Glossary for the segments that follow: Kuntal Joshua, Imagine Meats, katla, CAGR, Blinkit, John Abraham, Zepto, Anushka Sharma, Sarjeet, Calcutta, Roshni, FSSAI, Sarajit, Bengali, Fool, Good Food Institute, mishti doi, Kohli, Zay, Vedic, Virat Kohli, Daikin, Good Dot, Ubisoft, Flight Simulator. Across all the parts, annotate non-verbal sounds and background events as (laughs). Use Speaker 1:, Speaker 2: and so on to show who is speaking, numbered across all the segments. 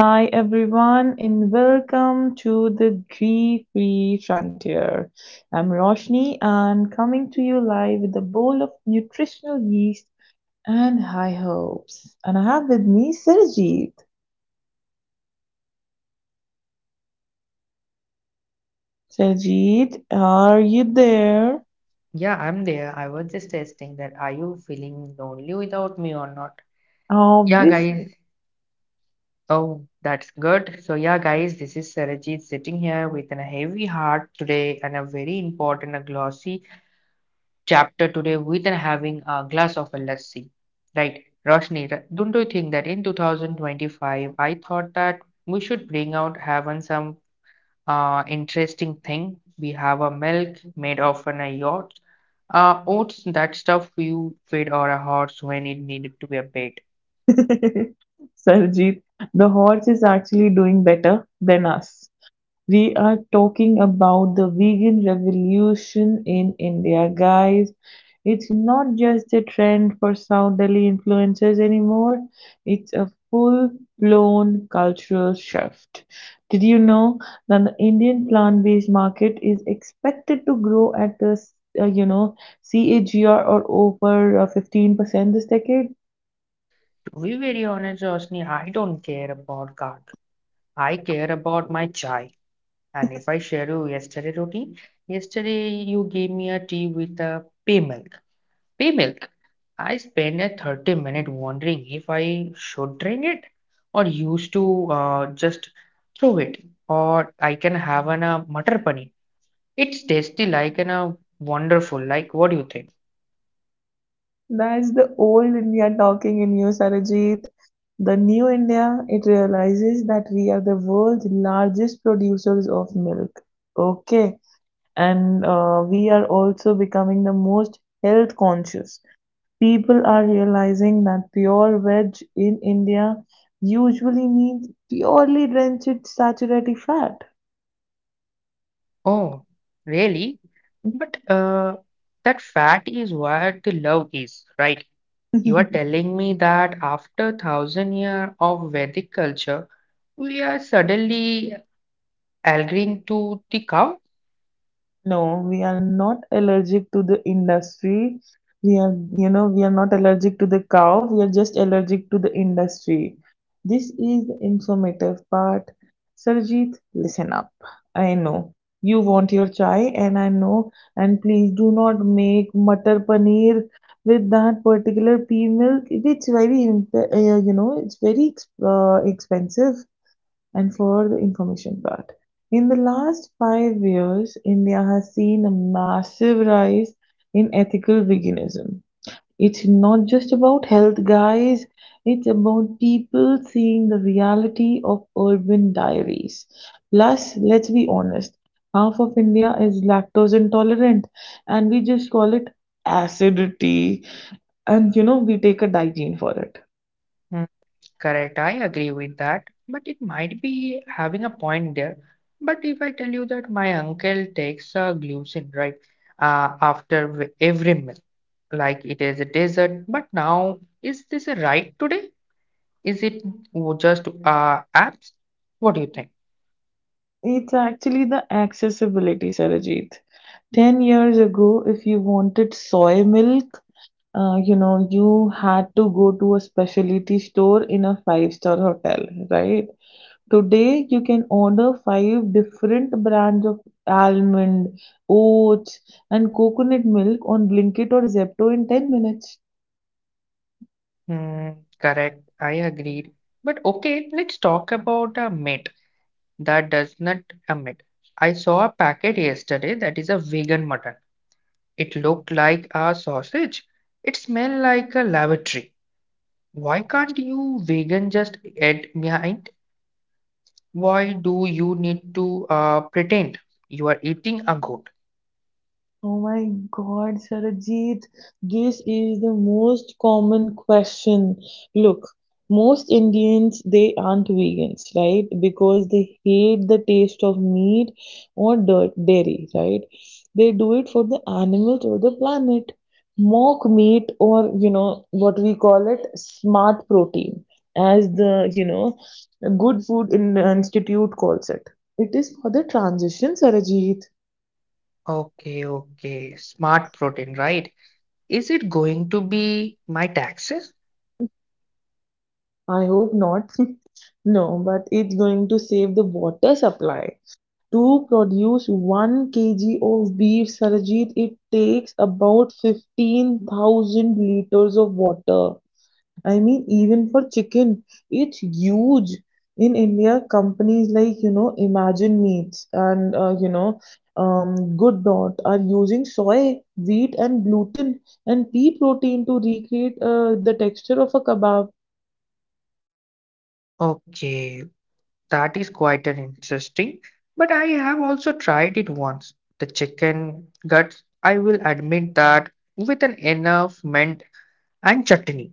Speaker 1: Hi everyone and welcome to the Ghee-Free Frontier. I'm Roshni and coming to you live with a bowl of nutritional yeast and high hopes. And I have with me Sarjeet. Sarjeet, are you there?
Speaker 2: Yeah, I'm there. I was just testing that. Are you feeling lonely without me or not? Yeah, guys.
Speaker 1: Obviously.
Speaker 2: Oh, that's good. Guys, this is Sarajit sitting here with a heavy heart today and a very important, a glossy chapter today with a having a glass of a lassi. Right, Roshni, don't you think that in 2025, I thought that we should bring out having some interesting thing, we have a milk made of an yacht. Oats, that stuff you feed or a horse when it needed to be paid.
Speaker 1: (laughs) Sarjeet, the horse is actually doing better than us. We are talking about the vegan revolution in India, guys. It's not just a trend for South Delhi influencers anymore, it's a full blown cultural shift. Did you know that the Indian plant based market is expected to grow at the uh, you know CAGR or over 15% this decade?
Speaker 2: To be very honest, Roshni, I don't care about card. I care about my chai. And if I share you yesterday routine, yesterday you gave me a tea with a pay milk. Pea milk. I spent a 30-minute wondering if I should drink it or used to just throw it or I can have an mutter paneer. It's tasty like an wonderful, like what do you think?
Speaker 1: That's the old India talking in you, Sarojit. The new India, it realizes that we are the world's largest producers of milk. Okay. And we are also becoming the most health conscious. People are realizing that pure veg in India usually means purely drenched saturated fat.
Speaker 2: Oh, really? But that fat is where the love is, right? You are
Speaker 1: (laughs)
Speaker 2: telling me that after thousand year of Vedic culture, we are suddenly agreeing to the cow?
Speaker 1: No, we are not allergic to the industry. We are not allergic to the cow. We are just allergic to the industry. This is the informative part. Sarjeet, listen up. I know you want your chai, and I know. And please do not make matar paneer with that particular pea milk. It's very, it's very expensive and for the information part. In the last 5 years, India has seen a massive rise in ethical veganism. It's not just about health, guys, it's about people seeing the reality of urban diaries. Plus, let's be honest, half of India is lactose intolerant, and we just call it acidity, and we take a Daikin for it.
Speaker 2: Hmm, correct, I agree with that, but it might be having a point there. But if I tell you that my uncle takes a glucin, right, after every meal, like it is a dessert, but now is this a right today? Is it just apps? What do you think?
Speaker 1: It's actually the accessibility, Sarajit. 10 years ago, if you wanted soy milk, you had to go to a specialty store in a five-star hotel, right? Today you can order five different brands of almond, oats, and coconut milk on Blinkit or Zepto in 10 minutes.
Speaker 2: Hmm, correct, I agreed. But okay, let's talk about a meat that does not emit. I saw a packet yesterday that is a vegan mutton. It looked like a sausage. It smelled like a lavatory. Why can't you vegan just eat behind? Why do you need to pretend you are eating a goat?
Speaker 1: Oh my God, Sarajit, this is the most common question. Look, most Indians, they aren't vegans, right? Because they hate the taste of meat or dairy, right? They do it for the animals or the planet. Mock meat, or, you know, what we call it, smart protein, as the, you know, Good Food Institute calls it. It is for the transition, Sarajit.
Speaker 2: Okay, okay. Smart protein, right? Is it going to be my taxes?
Speaker 1: I hope not. (laughs) No, but it's going to save the water supply. To produce 1 kg of beef, Sarajit, it takes about 15,000 liters of water. I mean, even for chicken, it's huge. In India, companies like, you know, Imagine Meats and, Good Dot are using soy, wheat, and gluten and pea protein to recreate the texture of a kebab.
Speaker 2: Okay, that is quite an interesting. But I have also tried it once. The chicken guts, I will admit that with an enough mint and chutney.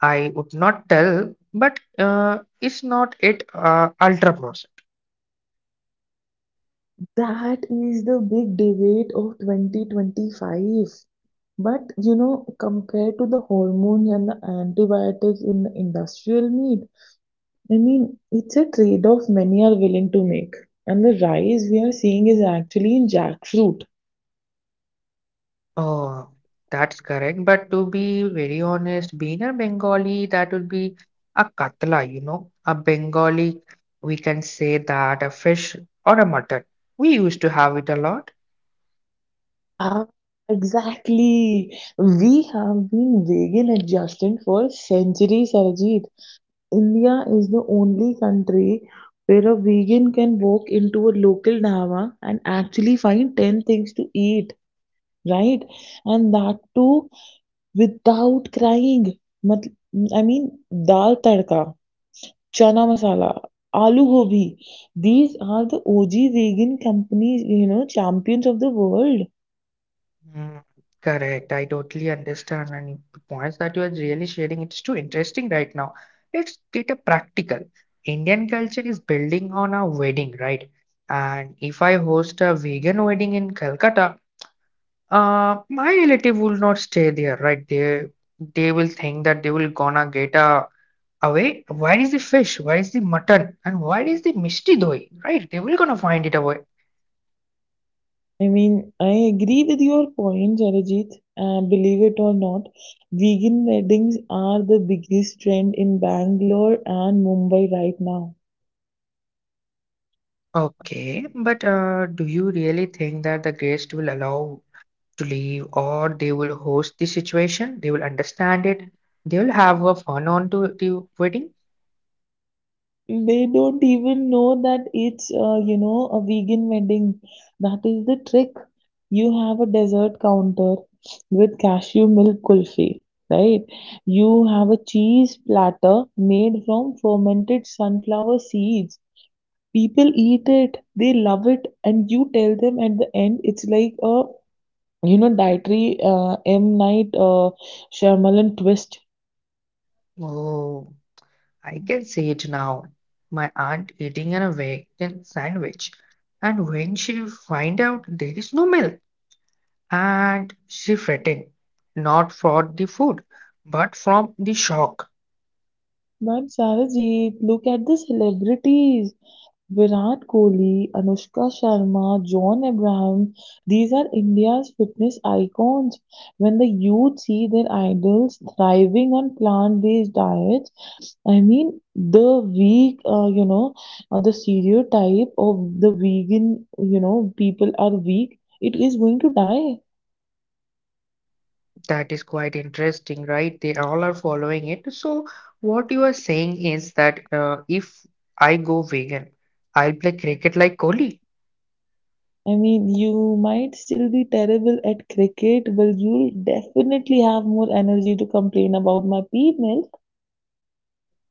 Speaker 2: I would not tell, but is not it ultra processed?
Speaker 1: That is the big debate of 2025. But you know, compared to the hormones and the antibiotics in the industrial meat, I mean, it's a trade off many are willing to make. And the rise we are seeing is actually in jackfruit.
Speaker 2: Oh, that's correct. But to be very honest, being a Bengali, that would be a katla, you know, a Bengali. We can say that a fish or a mutton. We used to have it a lot.
Speaker 1: Ah, exactly. We have been vegan adjacent for centuries, Arjit. India is the only country where a vegan can walk into a local dhaba and actually find 10 things to eat, right? And that too without crying. Mat- I mean, Dal tadka, chana masala, aloo gobi. These are the OG vegan companies, you know, champions of the world.
Speaker 2: Mm, correct. I totally understand. And the points that you are really sharing, it's too interesting right now. Let's get a practical. Indian culture is building on a wedding, right? And if I host a vegan wedding in Calcutta, my relative will not stay there, right? They will think that they will gonna get a away. Where is the fish? Where is the mutton? And where is the mishti doi? Right? They will gonna find it away.
Speaker 1: I mean, I agree with your point, Jarijit. Believe it or not, vegan weddings are the biggest trend in Bangalore and Mumbai right now.
Speaker 2: Okay, but do you really think that the guest will allow to leave, or they will host the situation, they will understand it, they will have a fun on to the wedding?
Speaker 1: They don't even know that it's, a vegan wedding. That is the trick. You have a dessert counter with cashew milk kulfi, right? You have a cheese platter made from fermented sunflower seeds. People eat it, they love it, and you tell them at the end it's like a, dietary, M Night, Shyamalan twist.
Speaker 2: Oh, I can see it now, my aunt eating an vegan sandwich, and when she find out there is no milk, and she fretting not for the food but from the shock.
Speaker 1: But Sarajit, look at the celebrities: Virat Kohli, Anushka Sharma, John Abraham. These are India's fitness icons. When the youth see their idols thriving on plant-based diets, I mean, the stereotype of the vegan, people are weak, it is going to die.
Speaker 2: That is quite interesting, right? They all are following it. So, what you are saying is that if I go vegan, I'll play cricket like Kohli.
Speaker 1: I mean, you might still be terrible at cricket, but you'll definitely have more energy to complain about my pea milk.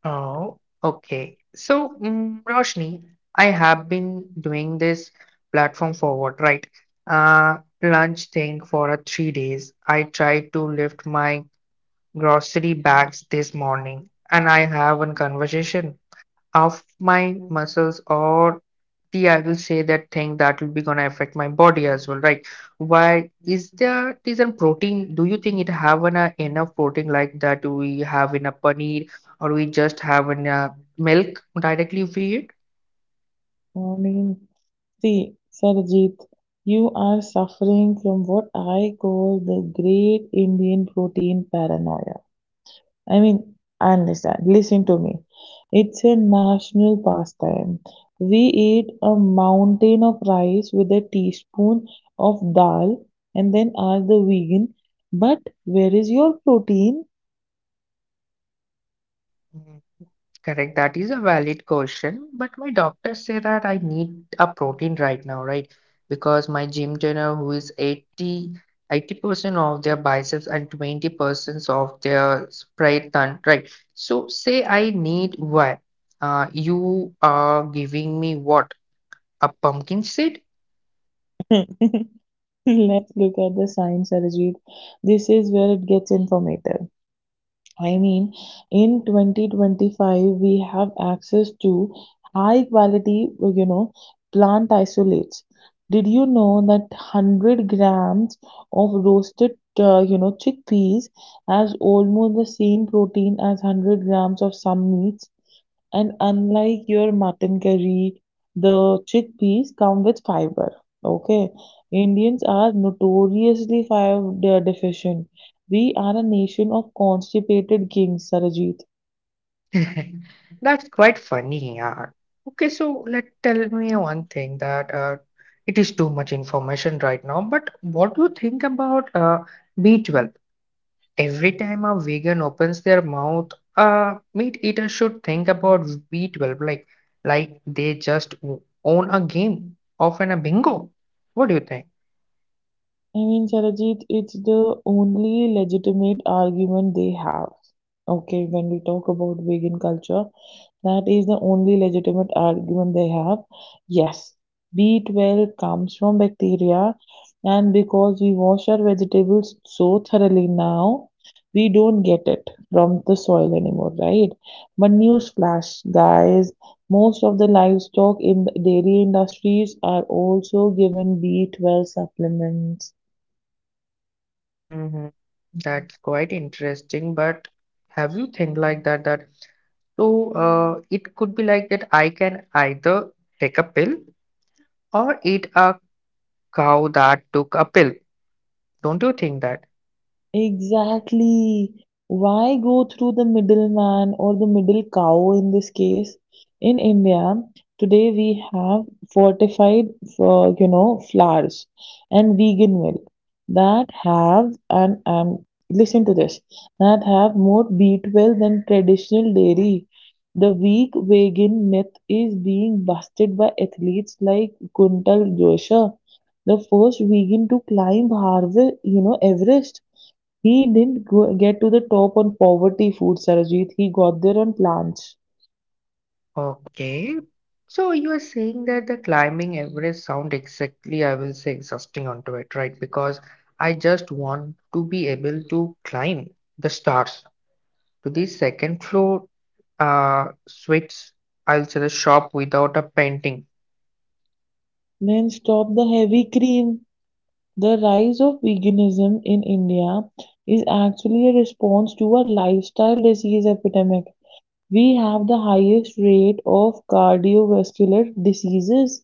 Speaker 2: Oh, okay. So, mm, Roshni, I have been doing this platform forward, right? Lunch thing for 3 days. I tried to lift my grocery bags this morning, and I have one conversation of my muscles or the I will say that thing that will be gonna affect my body as well, right? Why is there is a protein? Do you think it have enough protein like that we have in a paneer or we just have in a milk directly we eat?
Speaker 1: I mean, see, Sarajit, you are suffering from what I call the great Indian protein paranoia. I mean, understand. Listen to me. It's a national pastime. We eat a mountain of rice with a teaspoon of dal and then ask the vegan, but where is your protein? (laughs)
Speaker 2: Correct, that is a valid question, but my doctor say that I need a protein right now, right? Because my gym trainer, who is 80% of their biceps and 20% of their spread ton, right? So say I need what? You are giving me what? A pumpkin seed?
Speaker 1: Let's look at the science, Arjit. This is where it gets informative. I mean, in 2025, we have access to high quality, plant isolates. Did you know that 100 grams of roasted, chickpeas has almost the same protein as 100 grams of some meats? And unlike your mutton curry, the chickpeas come with fiber. Okay. Indians are notoriously deficient. We are a nation of constipated kings, Sarajit.
Speaker 2: (laughs) That's quite funny, yeah. Okay, so let tell me one thing that it is too much information right now, but what do you think about B12? Every time a vegan opens their mouth, a meat eater should think about B12, like they just own a game of an a bingo. What do you think?
Speaker 1: I mean, Sarajit, it's the only legitimate argument they have. Okay, when we talk about vegan culture, that is the only legitimate argument they have. Yes, B12 comes from bacteria, and because we wash our vegetables so thoroughly now, we don't get it from the soil anymore, right? But newsflash, guys, most of the livestock in the dairy industries are also given B12 supplements.
Speaker 2: Hmm, that's quite interesting, but have you think like that so it could be like that I can either take a pill or eat a cow that took a pill. Don't you think that?
Speaker 1: Exactly. Why go through the middleman or the middle cow in this case? In India, today we have fortified, flours and vegan milk that have, and listen to this, that have more B12 than traditional dairy. The weak vegan myth is being busted by athletes like Kuntal Joshua, the first vegan to climb Everest. He didn't get to the top on poverty food, Sarojit. He got there on plants.
Speaker 2: Okay. So you are saying that the climbing Everest sound exactly, I will say, exhausting onto it, right? Because I just want to be able to climb the stars to the second floor suites. I'll say the shop without a painting.
Speaker 1: Men stop the heavy cream. The rise of veganism in India is actually a response to a lifestyle disease epidemic. We have the highest rate of cardiovascular diseases.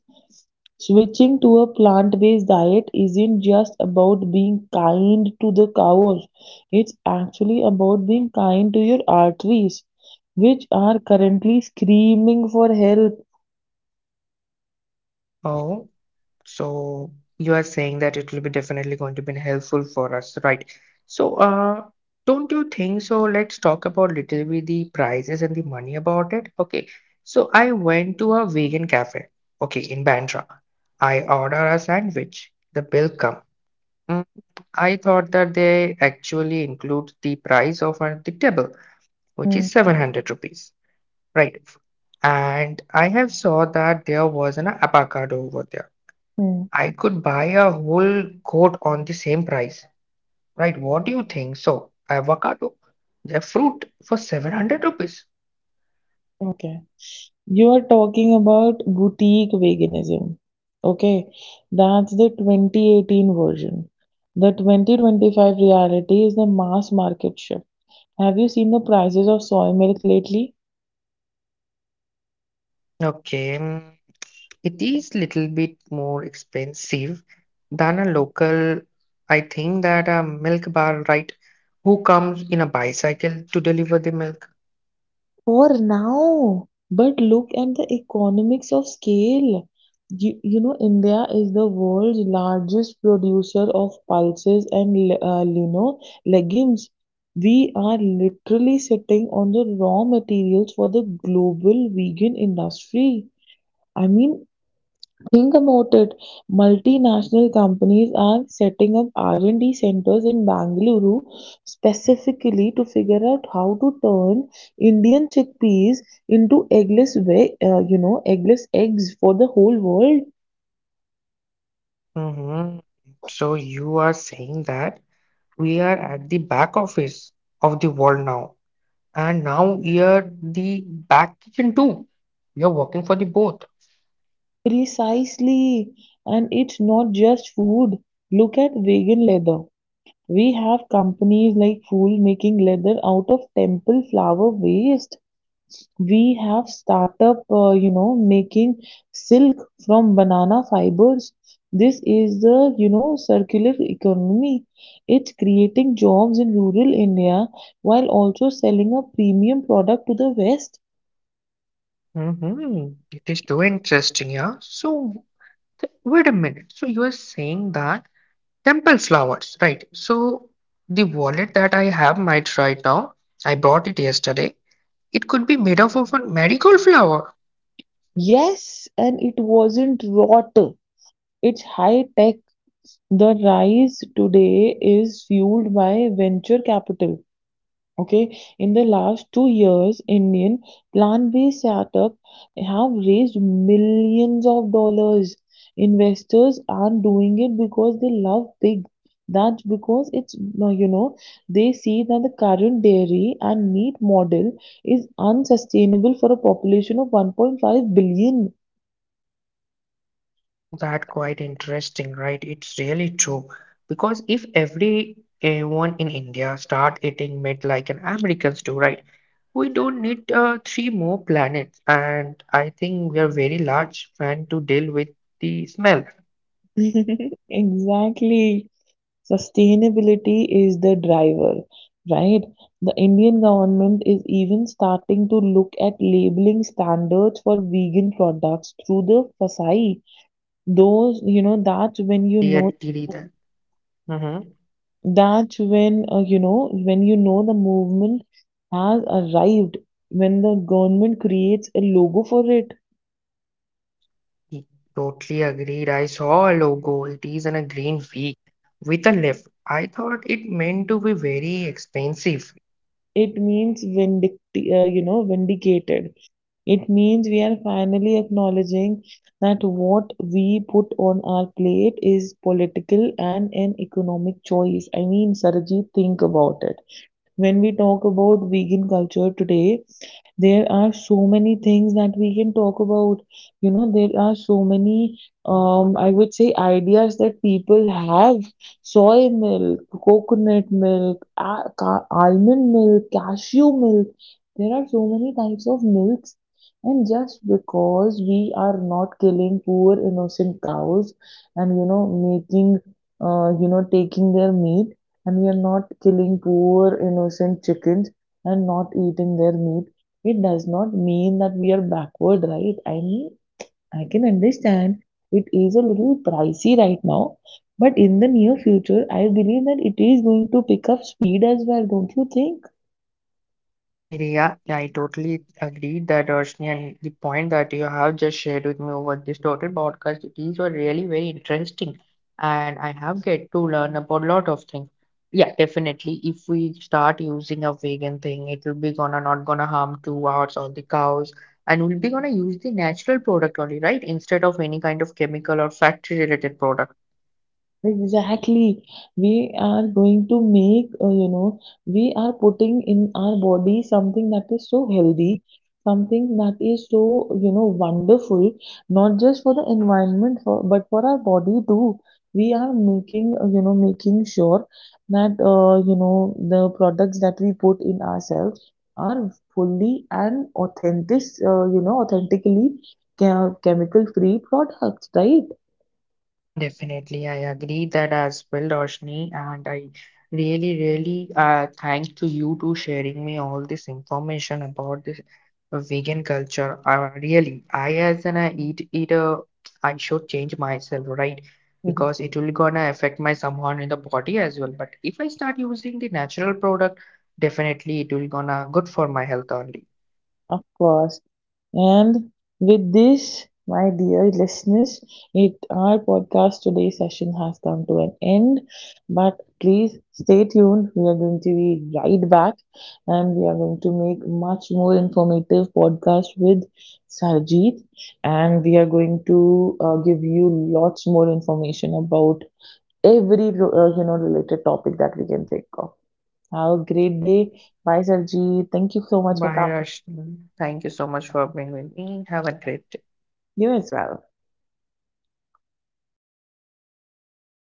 Speaker 1: Switching to a plant-based diet isn't just about being kind to the cows. It's actually about being kind to your arteries, which are currently screaming for help.
Speaker 2: Oh. So you are saying that it will be definitely going to be helpful for us, right? So uh, don't you think so? Let's talk about little bit the prices and the money about it. Okay. So I went to a vegan cafe, okay, in Bandra. I order a sandwich. The bill come. Mm, I thought that they actually include the price of the table, which
Speaker 1: Hmm.
Speaker 2: is 700 rupees, right? And I have saw that there was an avocado over there.
Speaker 1: Hmm.
Speaker 2: I could buy a whole coat on the same price, right? What do you think? So, avocado, the fruit for 700 rupees.
Speaker 1: Okay. You are talking about boutique veganism. Okay, that's the 2018 version. The 2025 reality is the mass market shift. Have you seen the prices of soy milk lately?
Speaker 2: Okay, mm, it is little bit more expensive than a local. I think that a milk bar, right? Who comes in a bicycle to deliver the milk?
Speaker 1: For now. But look at the economics of scale. You know, India is the world's largest producer of pulses and, uh, you know, legumes. We are literally sitting on the raw materials for the global vegan industry. I mean, think about it. Multinational companies are setting up R&D centers in Bangalore specifically to figure out how to turn Indian chickpeas into eggless, ve- you know, eggless eggs for the whole world.
Speaker 2: Hmm. So you are saying that we are at the back office of the world now. And now you're the back kitchen too. You're working for the both.
Speaker 1: Precisely. And it's not just food. Look at vegan leather. We have companies like Fool making leather out of temple flower waste. We have startup, making silk from banana fibers. This is the, circular economy. It's creating jobs in rural India while also selling a premium product to the West.
Speaker 2: Hmm, it is too interesting, yeah. So wait a minute. So you are saying that temple flowers, right? So the wallet that I have might right now, I bought it yesterday. It could be made up of a marigold flower.
Speaker 1: Yes, and it wasn't rot. It's high tech. The rise today is fueled by venture capital. Okay, in the last 2 years, Indian plant-based startup have raised millions of dollars. Investors are doing it because they love pig. That's because it's, uh, you know, they see that the current dairy and meat model is unsustainable for a population of 1.5 billion.
Speaker 2: That quite interesting, right? It's really true. Because if everyone in India start eating meat like an Americans do, right? We don't need three more planets, and I think we are very large fan to deal with the smell.
Speaker 1: (laughs) Exactly. Sustainability is the driver, right? The Indian government is even starting to look at labeling standards for vegan products through the FSSAI. Those, you know, that's when you know
Speaker 3: Totally that. Hmm.
Speaker 1: That's when, when you know the movement has arrived, when the government creates a logo for it,
Speaker 3: Totally agreed. I saw a logo. It is in a green V with a leaf. I thought it meant to be very expensive.
Speaker 1: it means vindicated. It means we are finally acknowledging that what we put on our plate is political and an economic choice. I mean, Sarajit, think about it. When we talk about vegan culture today, there are so many things that we can talk about. You know, there are so many, I would say, ideas that people have. Soy milk, coconut milk, almond milk, cashew milk. There are so many types of milks. And just because we are not killing poor innocent cows and, making, taking their meat, and we are not killing poor innocent chickens and not eating their meat, it does not mean that we are backward, right? I mean, I can understand it is a little pricey right now, but in the near future, I believe that it is going to pick up speed as well, don't you think?
Speaker 3: Yeah, I totally agree that, Roshni, and the point that you have just shared with me over this total podcast, these were really very interesting and I have get to learn about a lot of things. Yeah, definitely. If we start using a vegan thing, it will be gonna not gonna harm to ours or the cows and we'll be gonna use the natural product only, right? Instead of any kind of chemical or factory related product.
Speaker 1: Exactly. We are going to we are putting in our body something that is so healthy, something that is so, wonderful, not just for the environment, for, but for our body too. We are making sure that, the products that we put in ourselves are fully and authentic, authentically chemical-free products, right?
Speaker 3: Definitely, I agree that as well, Roshni, and I really, really thanks to you to sharing me all this information about this vegan culture. Really, I as an eater, I should change myself, right?
Speaker 1: Mhm.
Speaker 3: Because it will gonna affect my somehow in the body as well. But if I start using the natural product, definitely it will gonna good for my health only.
Speaker 1: Of course. And with this, my dear listeners, it our podcast today session has come to an end. But please stay tuned. We are going to be right back and we are going to make much more informative podcast with Sarjeet, and we are going to give you lots more information about every related topic that we can think of. Have a great day. Bye Sarjeet. Thank you so much for
Speaker 3: Bye,
Speaker 1: coming.
Speaker 3: Roshni. Thank you so much for being with me. Have a great day.
Speaker 1: You as well.